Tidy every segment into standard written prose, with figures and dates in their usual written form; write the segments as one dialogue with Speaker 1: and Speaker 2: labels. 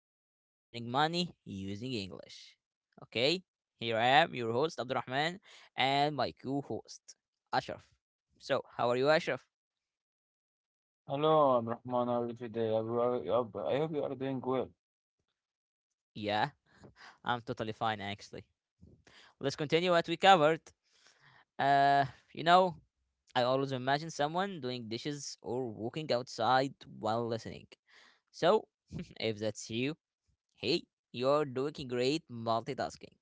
Speaker 1: in earning money using English. Okay, here I am, your host Abdurrahman, and my co-host Ashraf. So, how are you, Ashraf?
Speaker 2: Hello, Abdurrahman. How are you today? I hope you are doing well.
Speaker 1: Yeah, I'm totally fine actually. Let's continue what we covered. Uh, you know, I always imagine someone doing dishes or walking outside while listening. So, if that's you, hey, you're doing great multitasking.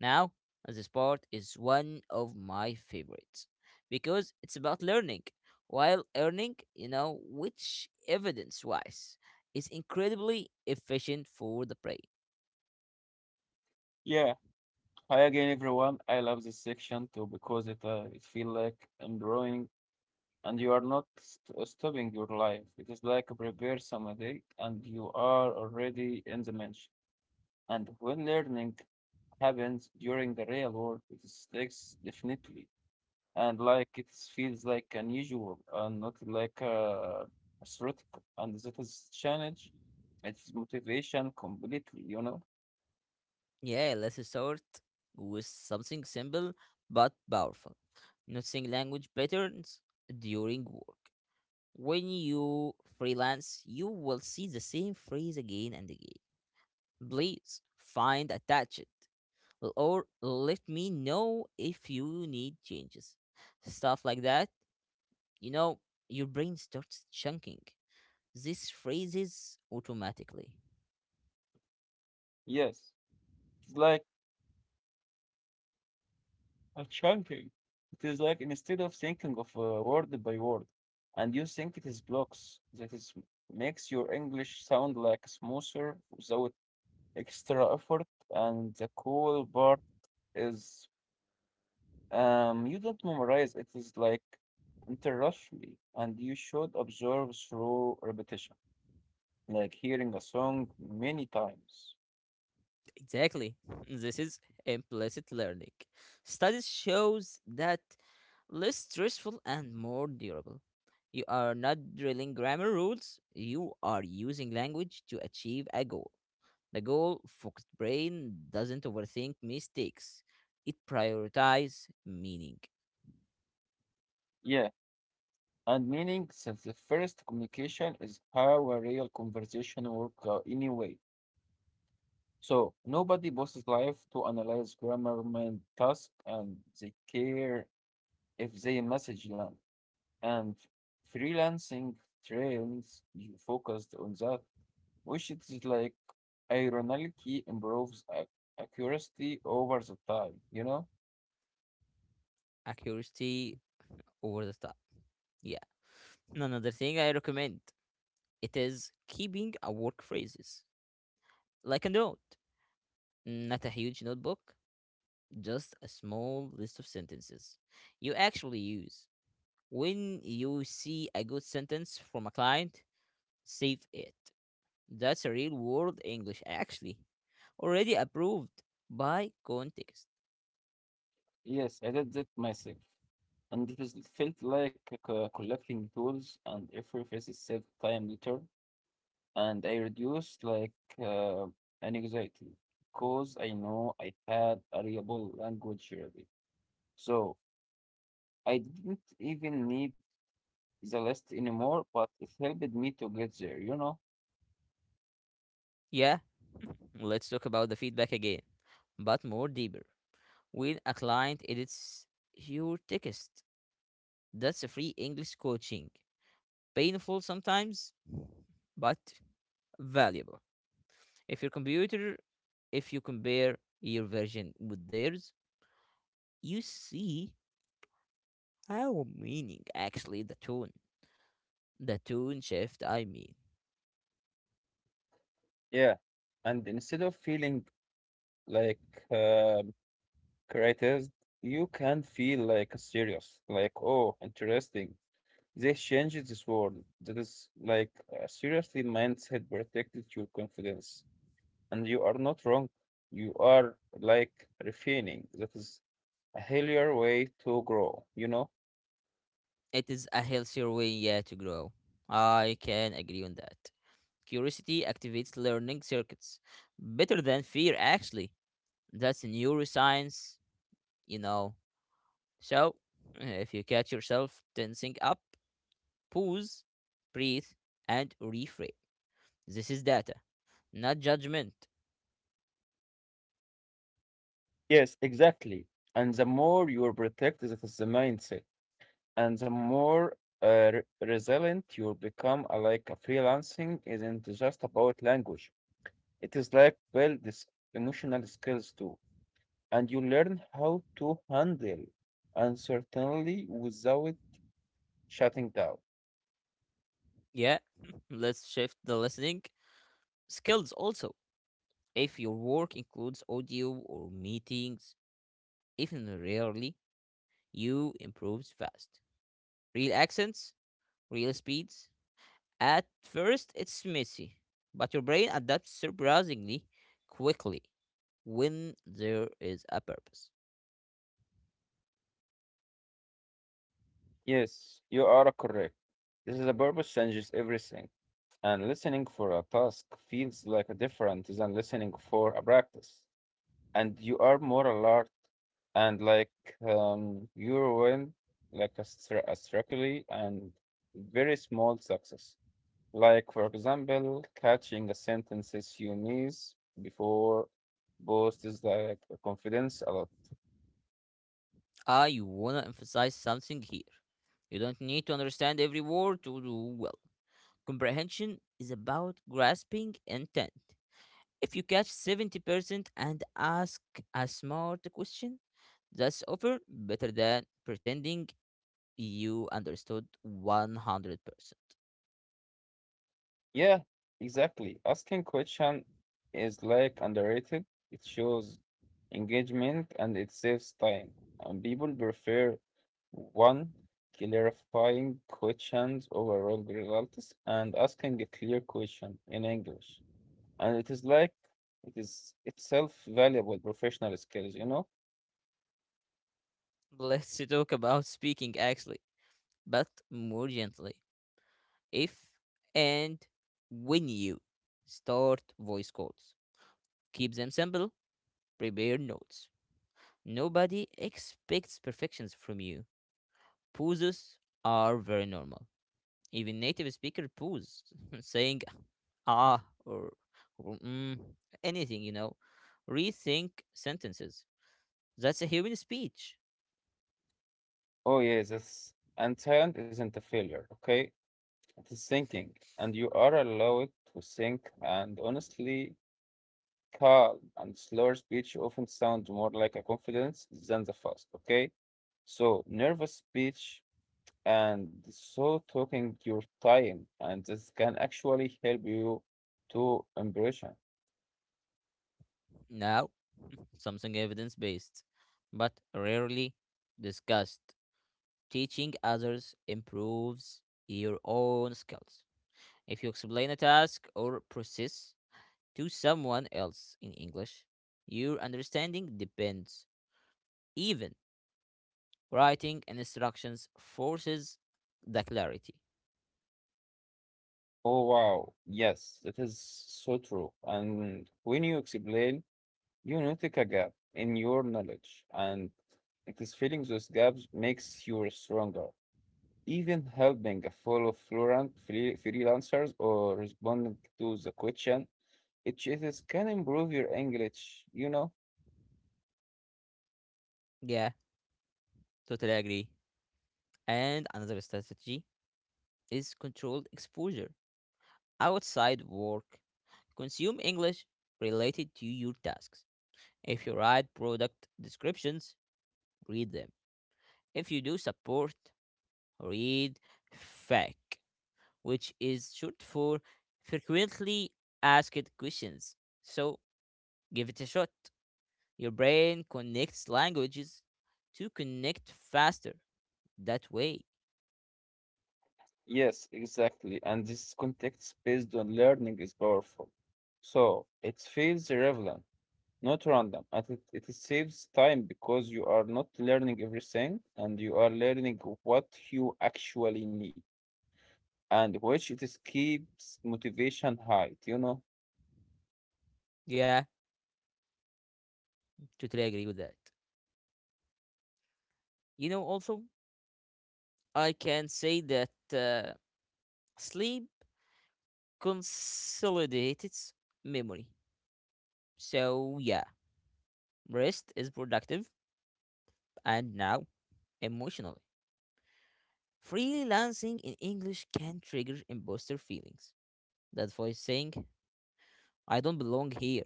Speaker 1: Now, this part is one of my favorites because it's about learning. While earning, you know, which evidence wise is incredibly efficient for the brain.
Speaker 2: Yeah. Hi again, everyone. I love this section too because it feels like I'm drawing, and you are not st stopping your life. It is like a prepare some day, and you are already in the mention. And when learning happens during the real world, it sticks definitely. And like it feels like unusual and not like theoretical. And that is change. It's motivation completely, you know?
Speaker 1: Yeah, let's start with something simple but powerful. Noticing language patterns during work. When you freelance, you will see the same phrase again and again. Please find attached, or let me know if you need changes. Stuff like that, you know, your brain starts chunking these phrases automatically.
Speaker 2: Yes, it's like a chunking. It is like instead of thinking of word by word, and you think it is blocks that is makes your English sound like smoother without extra effort. And the cool part is you don't memorize, it is like interruption, and you should observe through repetition, like hearing a song many times.
Speaker 1: Exactly. This is implicit learning. Studies shows that less stressful and more durable. You are not drilling grammar rules, you are using language to achieve a goal. The goal focused brain doesn't overthink mistakes, it prioritizes meaning,
Speaker 2: Yeah, and meaning since the first communication is how a real conversation work anyway. So nobody bosses life to analyze grammar and task, and they care if they message long. And freelancing trains you focused on that which is like ironically improves accuracy over the time, you know?
Speaker 1: accuracy over the time. Yeah. And another thing I recommend it is keeping a work phrases like a note, not a huge notebook, just a small list of sentences you actually use. When you see a good sentence from a client, save it. That's a real world English actually, already approved by context.
Speaker 2: Yes, I did that myself. And it is- it felt like collecting tools and effortless itself time later. And I reduced like uh, an anxiety because I know I had a reliable language already. So I didn't even need the list anymore, but it helped me to get there, you know?
Speaker 1: Yeah, let's talk about the feedback again, but more deeper. When a client edits your text, that's a free English coaching. Painful sometimes, but valuable. If your computer, if you compare your version with theirs, you see how meaning actually the tone shift. I mean,
Speaker 2: Yeah. And instead of feeling like uh, creators, you can feel like serious, like, oh, interesting. They changed this world. That is like seriously mindset protected your confidence. And you are not wrong. You are like refining. That is a healthier way to grow, you know?
Speaker 1: it is a healthier way, yeah, to grow. I can agree on that. Curiosity activates learning circuits better than fear actually. That's neuroscience, you know. So, if you catch yourself tensing up, pause, breathe, and reframe. This is data, not judgment.
Speaker 2: Yes, exactly. And the more you are protected, that is the mindset. And the more resilient you become, like a freelancing isn't just about language. It is like build this emotional skills too, and you learn how to handle uncertainty without shutting down.
Speaker 1: Yeah, let's shift the listening skills also. If your work includes audio or meetings, even rarely, you improves fast. Real accents, real speeds, at first, it's messy, but your brain adapts surprisingly quickly when there is a purpose.
Speaker 2: Yes, you are correct. This is a purpose changes everything, and listening for a task feels like a different than listening for a practice, and you are more alert and like you win like a, a strategy and very small success. Like, for example, catching the sentences you miss before boosts like the confidence a lot.
Speaker 1: I want to emphasize something here. You don't need to understand every word to do well. Comprehension is about grasping intent. If you catch 70% and ask a smart question, that's often better than pretending you understood 100%.
Speaker 2: Yeah, exactly. Asking question is like underrated. It shows engagement and it saves time. And people prefer one clarifying questions over all results and asking a clear question in English. And it is itself valuable professional skills, you know?
Speaker 1: Let's talk about speaking actually but more gently if and when you start voice calls. Keep them simple, prepare notes. Nobody expects perfections from you. Pauses are very normal. Even native speaker pause, saying ah, or mm, anything, you know. Rethink sentences. That's a human speech.
Speaker 2: Oh, yes, that's, and talent isn't a failure, okay? It is thinking, and you are allowed to think, and honestly, calm and slower speech often sound more like a confidence than the fast, okay? So, nervous speech and so talking your time, and this can actually help you to impression.
Speaker 1: Now, something evidence based, but rarely discussed. Teaching others improves your own skills. If you explain a task or process to someone else in English, your understanding depends. Even writing instructions forces the clarity.
Speaker 2: Oh, wow, yes, that is so true. And when you explain, you notice a gap in your knowledge, and it is filling those gaps makes you stronger. Even helping a fellow fluent freelancers or responding to the question, it is can improve your English, you know?
Speaker 1: Yeah, totally agree. And another strategy is controlled exposure. Outside work, consume English related to your tasks. If you write product descriptions, read them. If you do support, read FAQ, which is short for frequently asked questions. So give it a shot. Your brain connects languages to connect faster that way.
Speaker 2: Yes, exactly. And this context based on learning is powerful. So it feels relevant, not random, and it saves time because you are not learning everything and you are learning what you actually need. And which it is keeps motivation high, you know?
Speaker 1: Yeah, totally agree with that. You know, also, I can say that uh, sleep consolidates memory. So, yeah, rest is productive and now emotional. Freelancing in English can trigger imposter feelings. That voice saying, I don't belong here,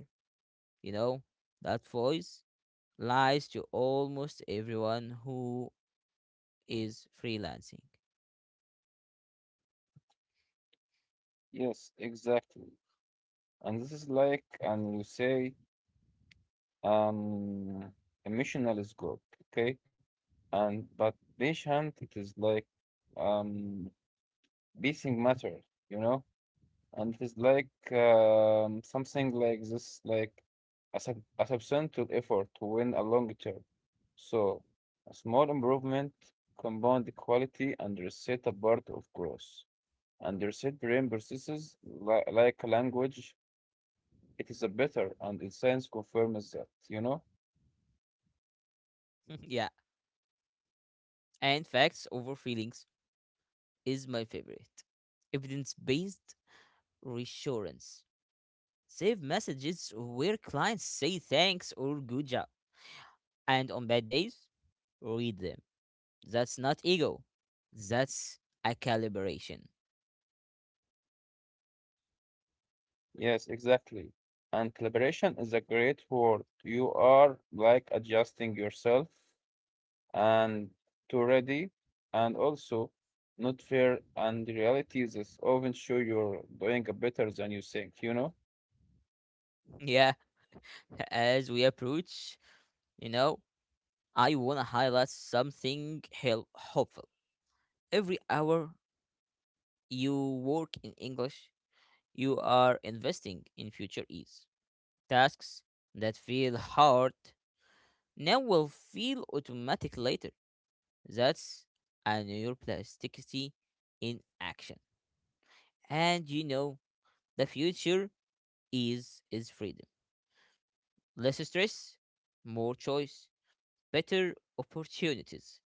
Speaker 1: you know? That voice lies to almost everyone who is freelancing.
Speaker 2: Yes, exactly. And this is like, and you say, um, emotional is good, okay? And but patient, it is like, um, pacing matters, you know? And it is like, something like this, like a, sub a substantial effort to win a long term. So, a small improvement compound the quality and reset a part of growth. And their said, brain processes li like language. It is a better, and the science confirms that, you know?
Speaker 1: Yeah, and facts over feelings is my favorite. Evidence based reassurance. Save messages where clients say thanks or good job. And on bad days, read them. That's not ego, that's a calibration.
Speaker 2: Yes, exactly. And collaboration is a great word. You are like adjusting yourself and to ready, and also not fair. And the reality is, often show you're doing better than you think, you know?
Speaker 1: Yeah. As we approach, you know, I want to highlight something hopeful. Every hour you work in English, you are investing in future ease. Tasks that feel hard now will feel automatic later. That's a neuroplasticity in action. And you know, the future is freedom. Less stress, more choice, better opportunities.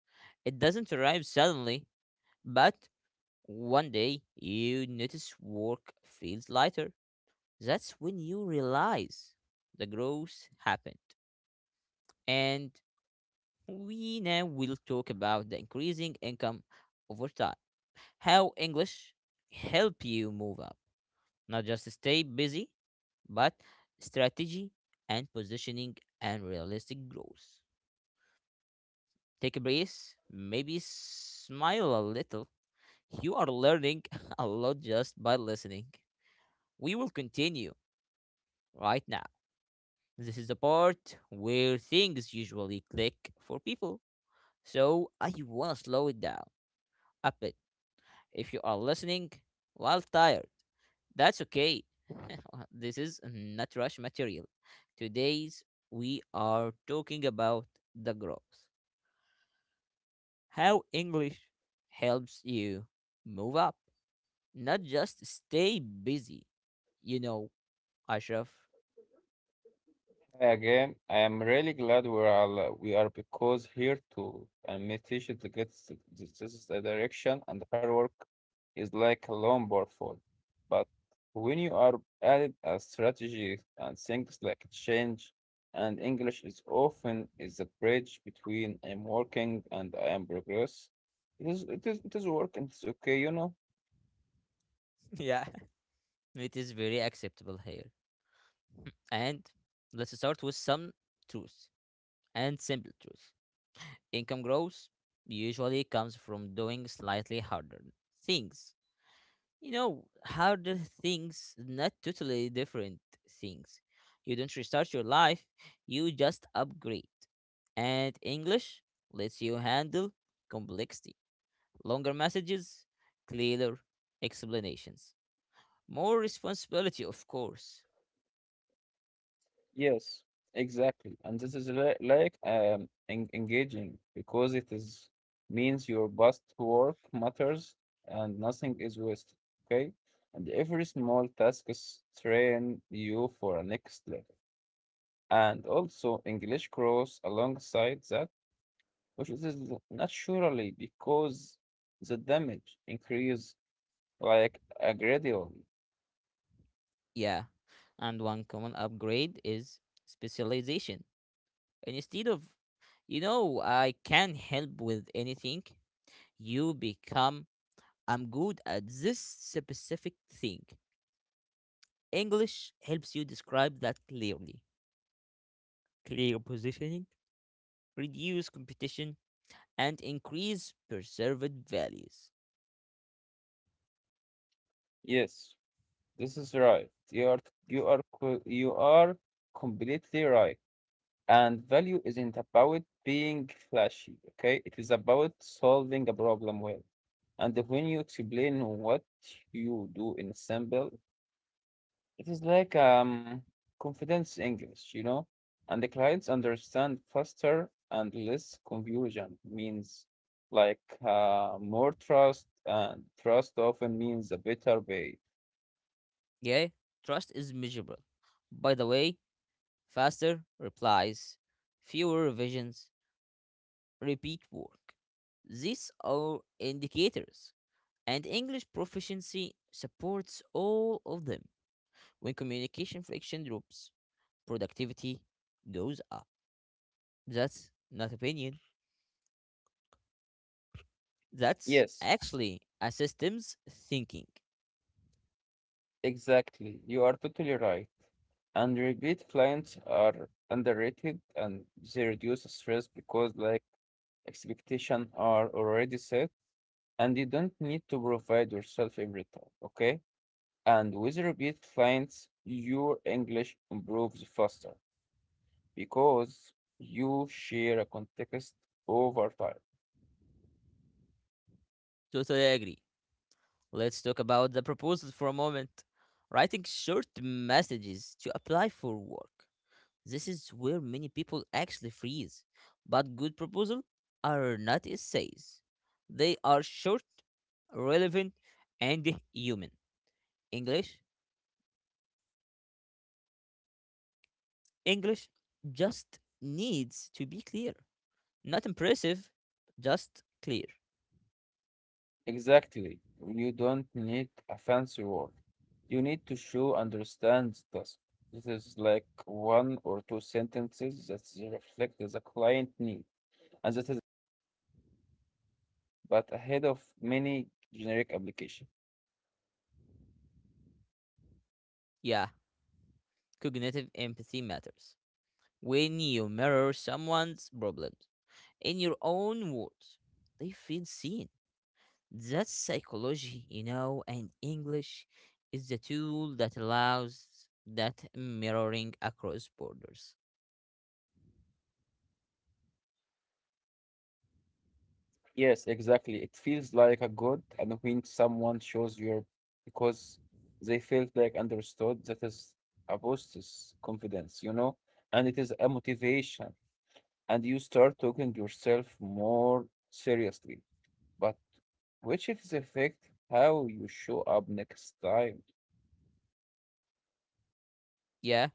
Speaker 1: It doesn't arrive suddenly, but one day you notice work feels lighter. That's when you realize the growth happened. And we now will talk about the increasing income over time. How English help you move up, not just stay busy, but strategy and positioning and realistic growth. Take a breath, maybe smile a little. You are learning a lot just by listening. We will continue right now. This is the part where things usually click for people. So I wanna slow it down a bit. If you are listening while tired, that's okay. This is not rush material. Today's we are talking about the growth. How English helps you move up, not just stay busy. You know, Ashraf.
Speaker 2: Hi again. I am really glad we are because here to and meditation to get this is the direction and hard work is like a longboard fall. But when you are added a strategy and things like change and English is often is a bridge between I'm working and I am progress. It is work and it's okay, you know.
Speaker 1: Yeah, it is very acceptable here. And let's start with some truth and simple truth. Income growth usually comes from doing slightly harder things. You know, harder things, not totally different things. You don't restart your life, you just upgrade. And English lets you handle complexity, longer messages, clearer explanations, more responsibility, of course.
Speaker 2: Yes, exactly. And this is like en engaging because it is means your best work matters and nothing is wasted, okay? And every small task is train you for a next level. And also English grows alongside that, which is naturally because the damage increase like a gradually.
Speaker 1: Yeah. And one common upgrade is specialization. And instead of, you know, I can help with anything, you become, I'm good at this specific thing. English helps you describe that clearly. Clear positioning, reduce competition, and increase perceived values.
Speaker 2: Yes, this is right. You are completely right. And value isn't about being flashy, okay? It is about solving a problem well. And when you explain what you do in simple, it is like confidence English, you know? And the clients understand faster and less confusion means like more trust and trust often means a better pay.
Speaker 1: Yeah, trust is measurable. By the way, faster replies, fewer revisions, repeat work. These are indicators, and English proficiency supports all of them. When communication friction drops, productivity goes up. That's not opinion. That's
Speaker 2: Yes,
Speaker 1: actually a systems thinking.
Speaker 2: exactly, you are totally right. And repeat clients are underrated and they reduce stress because like expectations are already set and you don't need to provide yourself every time, okay? And with repeat clients, your English improves faster because you share a context over time.
Speaker 1: Totally agree. Let's talk about the proposal for a moment. Writing short messages to apply for work. This is where many people actually freeze. But good proposals are not essays. They are short, relevant, and human. English, English just needs to be clear. Not impressive, just clear.
Speaker 2: Exactly. You don't need a fancy word. You need to show understands task. This is like one or two sentences that reflect the client need, and that is but ahead of many generic application.
Speaker 1: Yeah, cognitive empathy matters. When you mirror someone's problems in your own words, they feel seen. That's psychology, you know, and English is the tool that allows that mirroring across borders.
Speaker 2: Yes, exactly. It feels like a good, and when someone shows your because they felt like understood, that is a boosts confidence, you know, and it is a motivation, and you start taking yourself more seriously but which is affect how you show up next time.
Speaker 1: Yeah,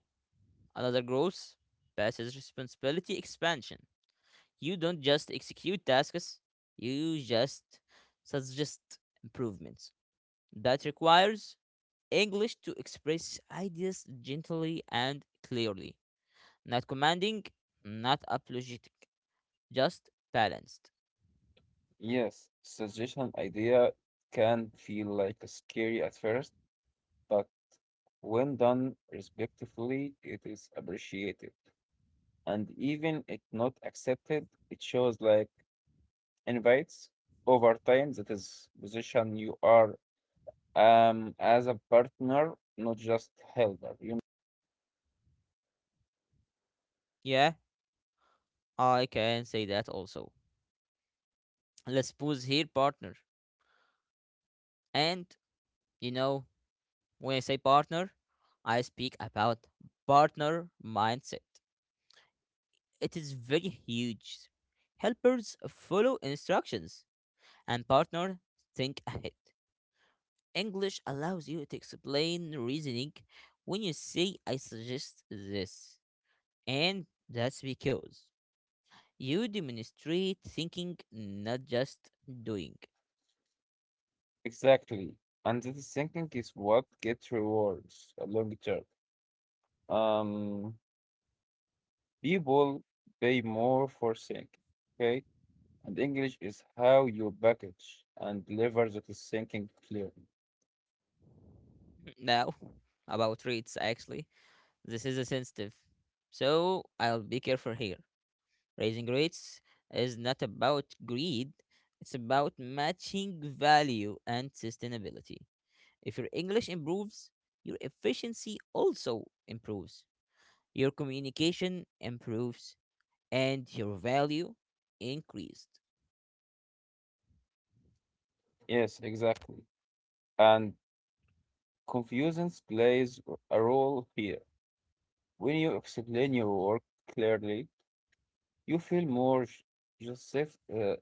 Speaker 1: another growth passes responsibility expansion. You don't just execute tasks, you just suggest improvements. That requires English to express ideas gently and clearly, not commanding, not apologetic, just balanced.
Speaker 2: Yes, suggestion idea can feel like scary at first, but when done respectfully, it is appreciated. And even if not accepted, it shows like invites over time that is position you are as a partner, not just helper. You know?
Speaker 1: Yeah, I can say that also. Let's pause here, partner. And you know, when I say partner, I speak about partner mindset. It is very huge. Helpers follow instructions, and partner think ahead. English allows you to explain reasoning when you say, I suggest this. And that's because you demonstrate thinking, not just doing.
Speaker 2: Exactly. And this thinking is what gets rewards long term. Um, people pay more for sync, okay? And English is how you package and deliver that is thinking clearly.
Speaker 1: Now, about traits, actually. This is a sensitive. So I'll be careful here. Raising rates is not about greed, it's about matching value and sustainability. If your English improves, your efficiency also improves, your communication improves, and your value increased.
Speaker 2: Yes, exactly. And confusions plays a role here. When you explain your work clearly, you feel more sh- just shift,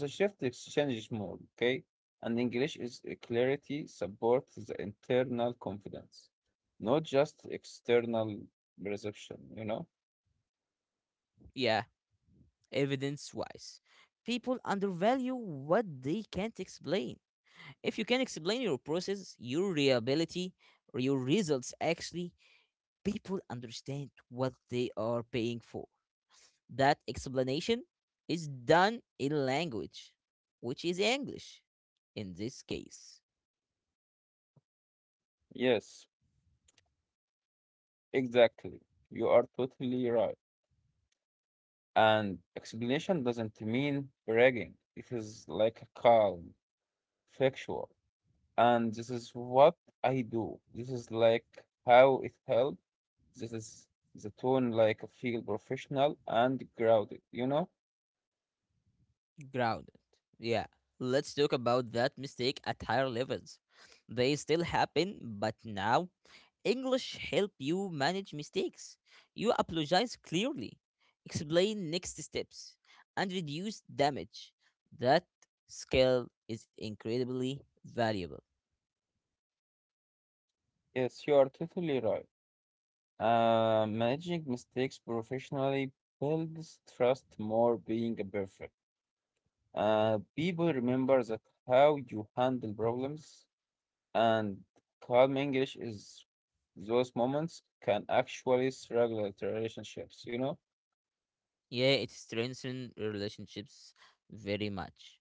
Speaker 2: the shift exchanges more, okay? And English is a clarity supports the internal confidence, not just external perception, you know?
Speaker 1: Yeah, evidence wise. People undervalue what they can't explain. If you can explain your process, your reliability, or your results actually people understand what they are paying for. That explanation is done in language, which is English in this case.
Speaker 2: Yes, exactly. You are totally right. And explanation doesn't mean bragging. It is like a calm, factual. And this is what I do. This is like how it helped. This is the tone like I feel professional and grounded, you know?
Speaker 1: Grounded. Yeah. Let's talk about that mistake at higher levels. They still happen, but now English help you manage mistakes. You apologize clearly, explain next steps, and reduce damage. That skill is incredibly valuable.
Speaker 2: Yes, you are totally right. Managing mistakes professionally builds trust more being a perfect. People remember that how you handle problems and calm English is those moments can actually regulate relationships, you know?
Speaker 1: Yeah, it strengthens relationships very much.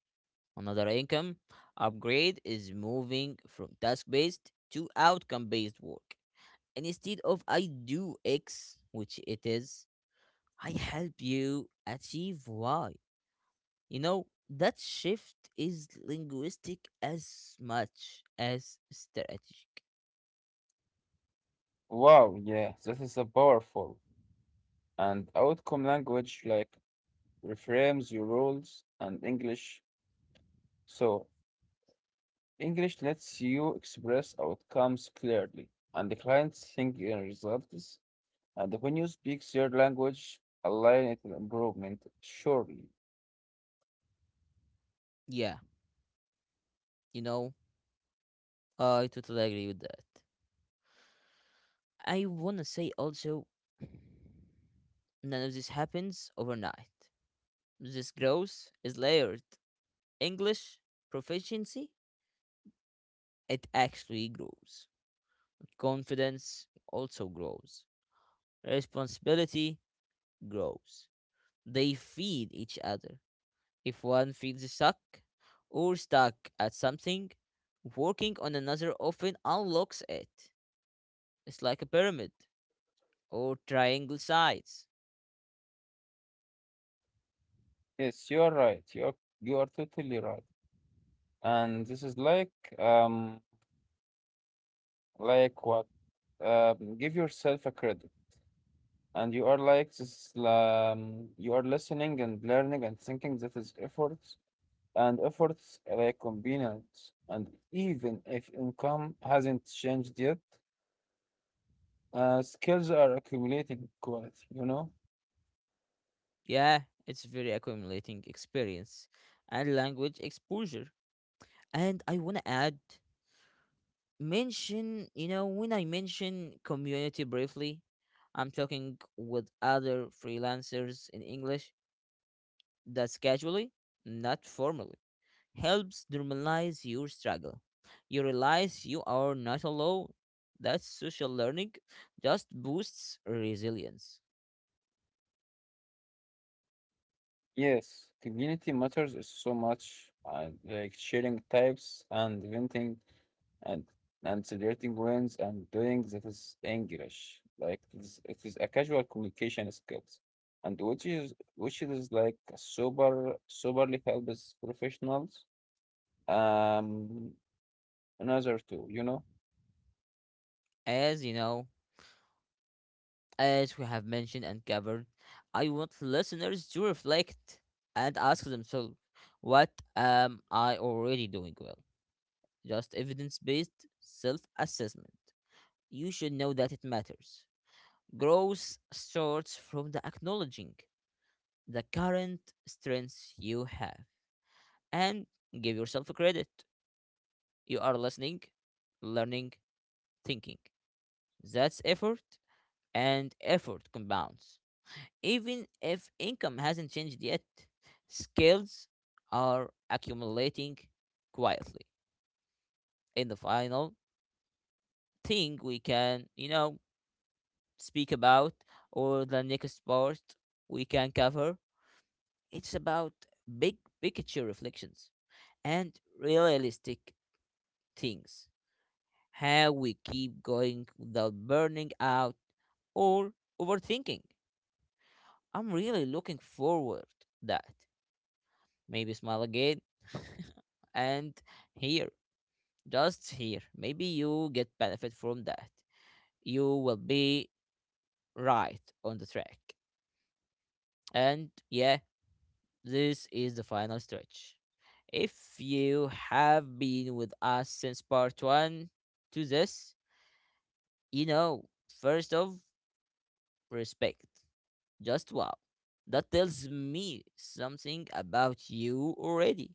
Speaker 1: Another income upgrade is moving from task based to outcome based work. And instead of I do X, which it is, I help you achieve Y. You know, that shift is linguistic as much as strategic.
Speaker 2: Wow, yeah, that is a powerful and outcome language like reframes your rules and English. So English lets you express outcomes clearly and the clients think in results and when you speak their language, align it with improvement, surely.
Speaker 1: Yeah, you know, I totally agree with that. I wanna say also, none of this happens overnight. This growth is layered. English proficiency, it actually grows. Confidence also grows. Responsibility grows. They feed each other. If one feels stuck or stuck at something, working on another often unlocks it. It's like a pyramid or triangle sides.
Speaker 2: Yes, you are right. You are totally right. And this is like um like what? Give yourself a credit. And you are like this, you are listening and learning and thinking that is efforts and efforts like convenience. And even if income hasn't changed yet, skills are accumulating quality, you know?
Speaker 1: Yeah, it's very accumulating experience and language exposure. And I want to add mention, you know, when I mention community briefly, I'm talking with other freelancers in English, that's casually, not formally, helps normalize your struggle. You realize you are not alone. That social learning just boosts resilience.
Speaker 2: Yes, community matters is so much, like sharing types and venting and celebrating wins and doing that is English. Like it is a casual communication skills, and which is like sober soberly helps professionals. Um, another two, you know.
Speaker 1: As you know, as we have mentioned and covered, I want listeners to reflect and ask themselves, what am I already doing well? Just evidence based self assessment. You should know that it matters. Growth starts from the acknowledging the current strengths you have and give yourself a credit. You are listening, learning, thinking. That's effort, and effort compounds. Even if income hasn't changed yet, skills are accumulating quietly. In the final thing, we can, you know, speak about or the next part we can cover. It's about big picture reflections and realistic things. How we keep going without burning out or overthinking. I'm really looking forward that. Maybe smile again and here, just here. Maybe you get benefit from that. You will be right on the track. And yeah, this is the final stretch. If you have been with us since part one to this, you know, first of respect. Just wow. That tells me something about you already.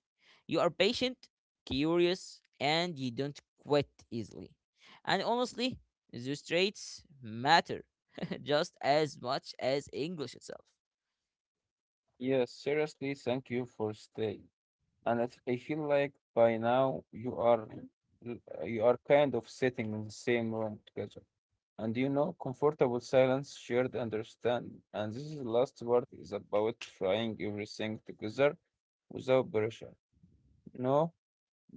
Speaker 1: You are patient, curious, and you don't quit easily. And honestly, those traits matter just as much as English itself.
Speaker 2: Yes, seriously, thank you for staying. And I feel like by now you are kind of sitting in the same room together. And you know, comfortable silence, shared understanding. And this is the last part is about trying everything together without pressure. No,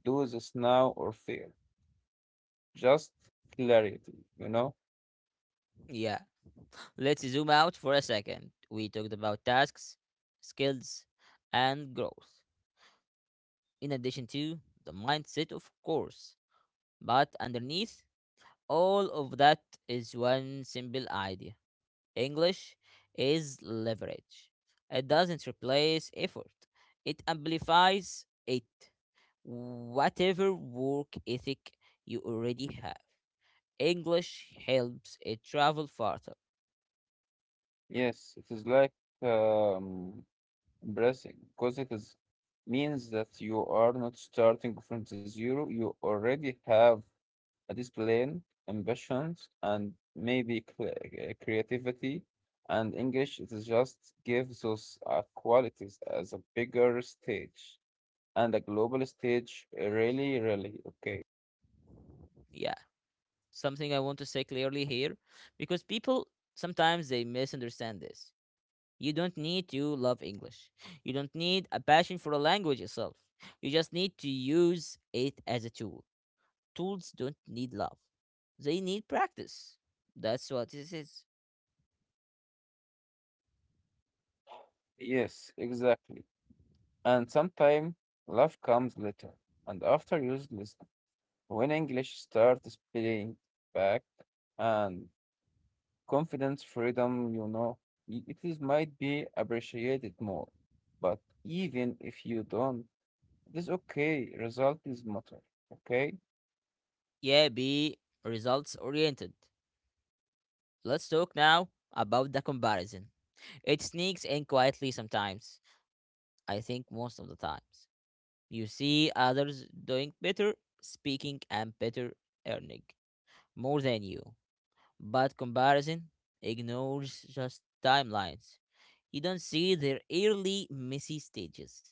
Speaker 2: do this now or fail. Just clarity, you know?
Speaker 1: Yeah. Let's zoom out for a second. We talked about tasks, skills, and growth, in addition to the mindset, of course. But underneath all of that is one simple idea. English is leverage. It doesn't replace effort, it amplifies it. Whatever work ethic you already have, English helps it travel farther.
Speaker 2: Yes, it is like um embracing because it is means that you are not starting from the zero. You already have discipline, ambitions, and maybe creativity. And English it is just gives those qualities as a bigger stage and a global stage. Really, really okay.
Speaker 1: Yeah. Something I want to say clearly here, because people sometimes they misunderstand this. You don't need to love English. You don't need a passion for a language itself. You just need to use it as a tool. Tools don't need love. They need practice. That's what this is.
Speaker 2: Yes, exactly. And sometimes love comes later, and after years listen, when English starts playing back and confidence, freedom, you know, it is might be appreciated more. But even if you don't, this okay, result is matter. Okay?
Speaker 1: Yeah, be results oriented. Let's talk now about the comparison. It sneaks in quietly sometimes. I think most of the times. You see others doing better, speaking and better earning more than you. But comparison ignores just timelines. You don't see their early messy stages.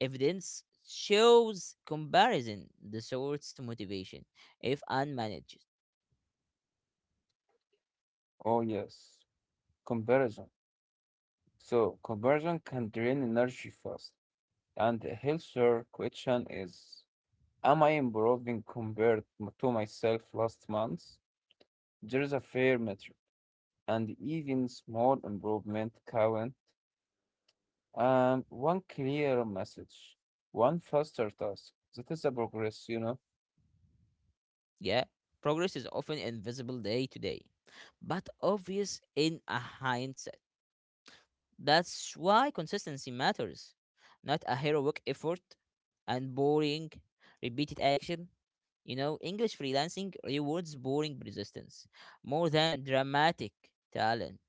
Speaker 1: Evidence shows comparison distorts motivation if unmanaged.
Speaker 2: Oh yes. Comparison. So comparison can drain energy fast. And the healthier question is am I improving compared to myself last month? There is a fair metric and even small improvement count and one clear message. One faster task. That is a progress, you know?
Speaker 1: Yeah, progress is often invisible day to day, but obvious in a hindsight. That's why consistency matters, not a heroic effort and boring, repeated action. You know, English freelancing rewards boring persistence more than dramatic talent.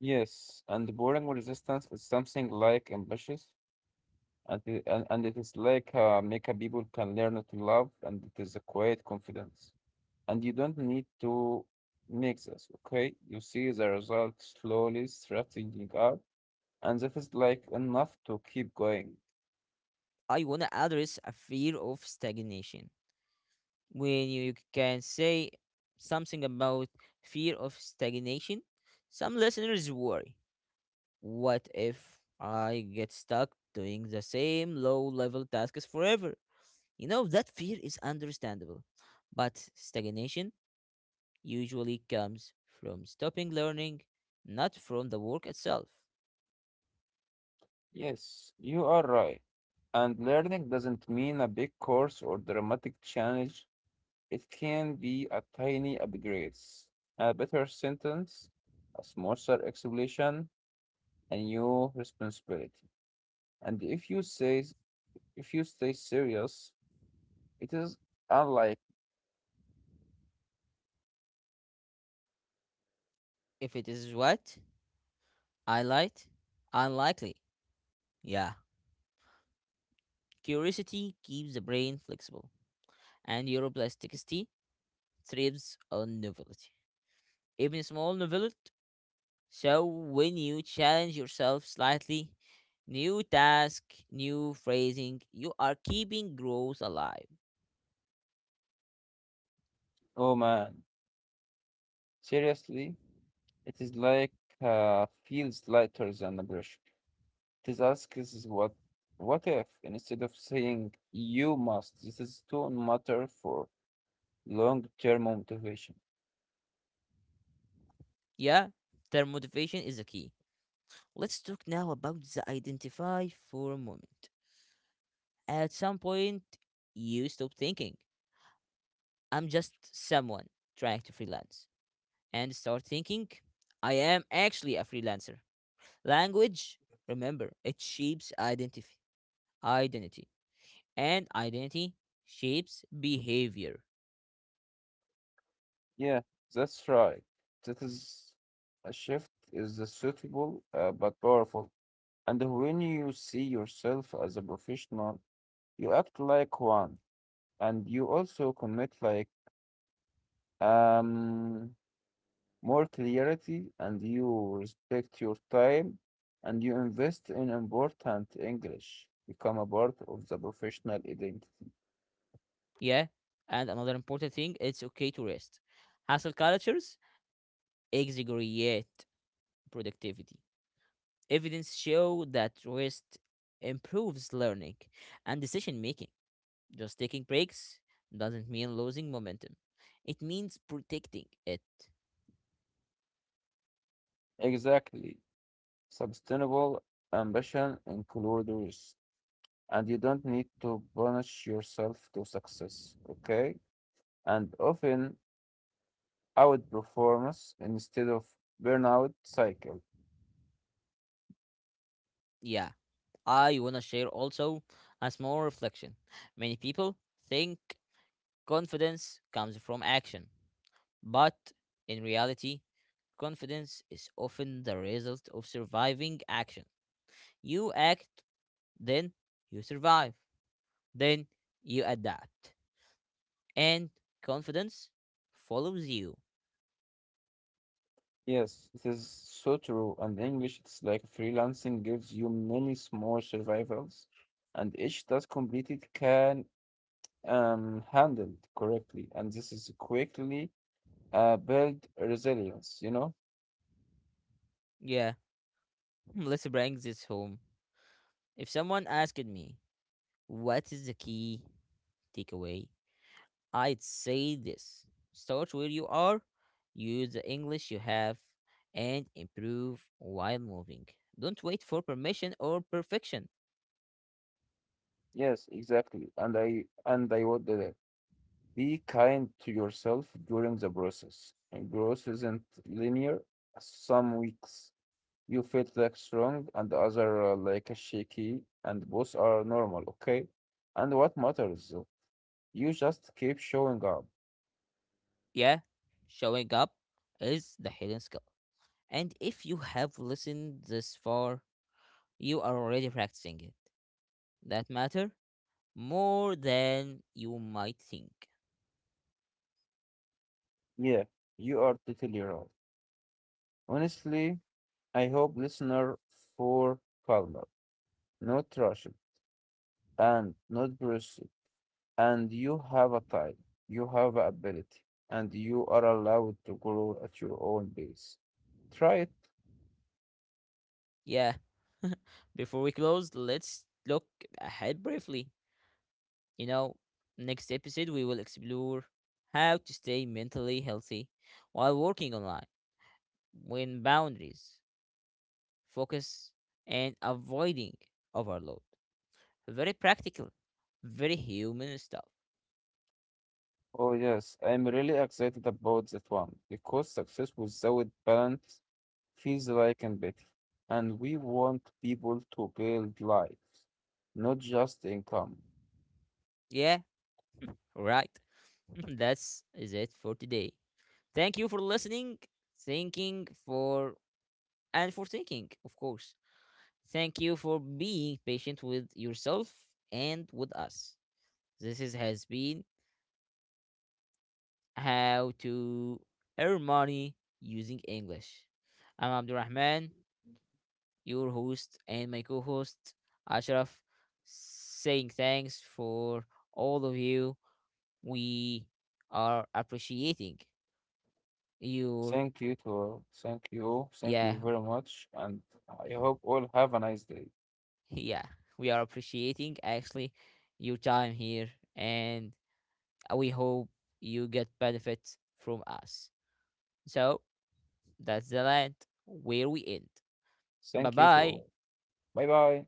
Speaker 2: Yes. And boring resistance is something like ambitious and and it is like make a people can learn to love and it is a quiet confidence and you don't need to mix us, okay, you see the result slowly straightening up and that is like enough to keep going.
Speaker 1: I want to address a fear of stagnation. When you can say something about fear of stagnation, some listeners worry, what if I get stuck doing the same low level tasks forever? You know, that fear is understandable, but stagnation usually comes from stopping learning, not from the work itself.
Speaker 2: Yes, you are right, and learning doesn't mean a big course or dramatic change, it can be a tiny upgrades, a better sentence, a smoother explanation, a new responsibility, and if you say, if you stay serious, it is unlike,
Speaker 1: If it is what? I light? Unlikely. Yeah. Curiosity keeps the brain flexible, and neuroplasticity thrives on novelty. Even small novelty. So when you challenge yourself slightly, new task, new phrasing, you are keeping growth alive.
Speaker 2: oh man, seriously, it is like feels lighter than a brush. It is asks is what if instead of saying you must, this is too matter for long term motivation.
Speaker 1: Yeah, their motivation is the key. Let's talk now about the identify for a moment. At some point, you stop thinking, I'm just someone trying to freelance, and start thinking, I am actually a freelancer. Language, remember, it shapes identity, identity, and identity shapes behavior.
Speaker 2: Yeah, that's right. That is a shift is a suitable but powerful. And when you see yourself as a professional, you act like one and you also connect like um, more clarity, and you respect your time, and you invest in important English. Become a part of the professional identity.
Speaker 1: Yeah, and another important thing, it's okay to rest. Hustle cultures exaggerate productivity. Evidence show that rest improves learning and decision making. Just taking breaks doesn't mean losing momentum. It means protecting it.
Speaker 2: Exactly. Sustainable ambition includes risk, and you don't need to punish yourself to success. Okay? And often outperformance instead of burnout cycle.
Speaker 1: Yeah, I want to share also a small reflection. Many people think confidence comes from action, but in reality, confidence is often the result of surviving action. You act, then you survive, then you adapt. And confidence follows you.
Speaker 2: Yes, it is so true. And English, it's like freelancing gives you many small survivals, and each task completed can handled correctly. And this is quickly build resilience, you know?
Speaker 1: Yeah, let's bring this home. If someone asked me, what is the key takeaway? I'd say this: start where you are, use the English you have, and improve while moving. Don't wait for permission or perfection.
Speaker 2: Yes, exactly. And I would be kind to yourself during the process. And growth isn't linear. Some weeks you felt like strong and the other like a shaky, and both are normal, okay? And what matters? You just keep showing up.
Speaker 1: Yeah, showing up is the hidden skill. And if you have listened this far, you are already practicing it. That matter more than you might think.
Speaker 2: Yeah, you are totally right. Honestly, I hope listener for calmer, not rushing, and not brushy. And you have a time, you have a ability, and you are allowed to grow at your own pace. Try it.
Speaker 1: Yeah. Before we close, let's look ahead briefly. You know, next episode we will explore how to stay mentally healthy while working online, when boundaries, focus, and avoiding overload. Very practical, very human stuff.
Speaker 2: Oh yes, I'm really excited about that one because success without balance feels like empathy, and we want people to build lives, not just income.
Speaker 1: Yeah, right. That's is it for today. Thank you for listening, thinking for and for thinking, of course. Thank you for being patient with yourself and with us. This is, has been How to Earn Money Using English. I'm Abdurrahman, your host, and my co host, Ashraf, saying thanks for all of you. We are appreciating your,
Speaker 2: Thank you to thank
Speaker 1: yeah,
Speaker 2: you very much, and I hope all have a nice day.
Speaker 1: yeah, we are appreciating actually your time here and we hope you get benefits from us. So that's the land where we end. Bye
Speaker 2: Thank you to
Speaker 1: bye.
Speaker 2: all. Bye bye.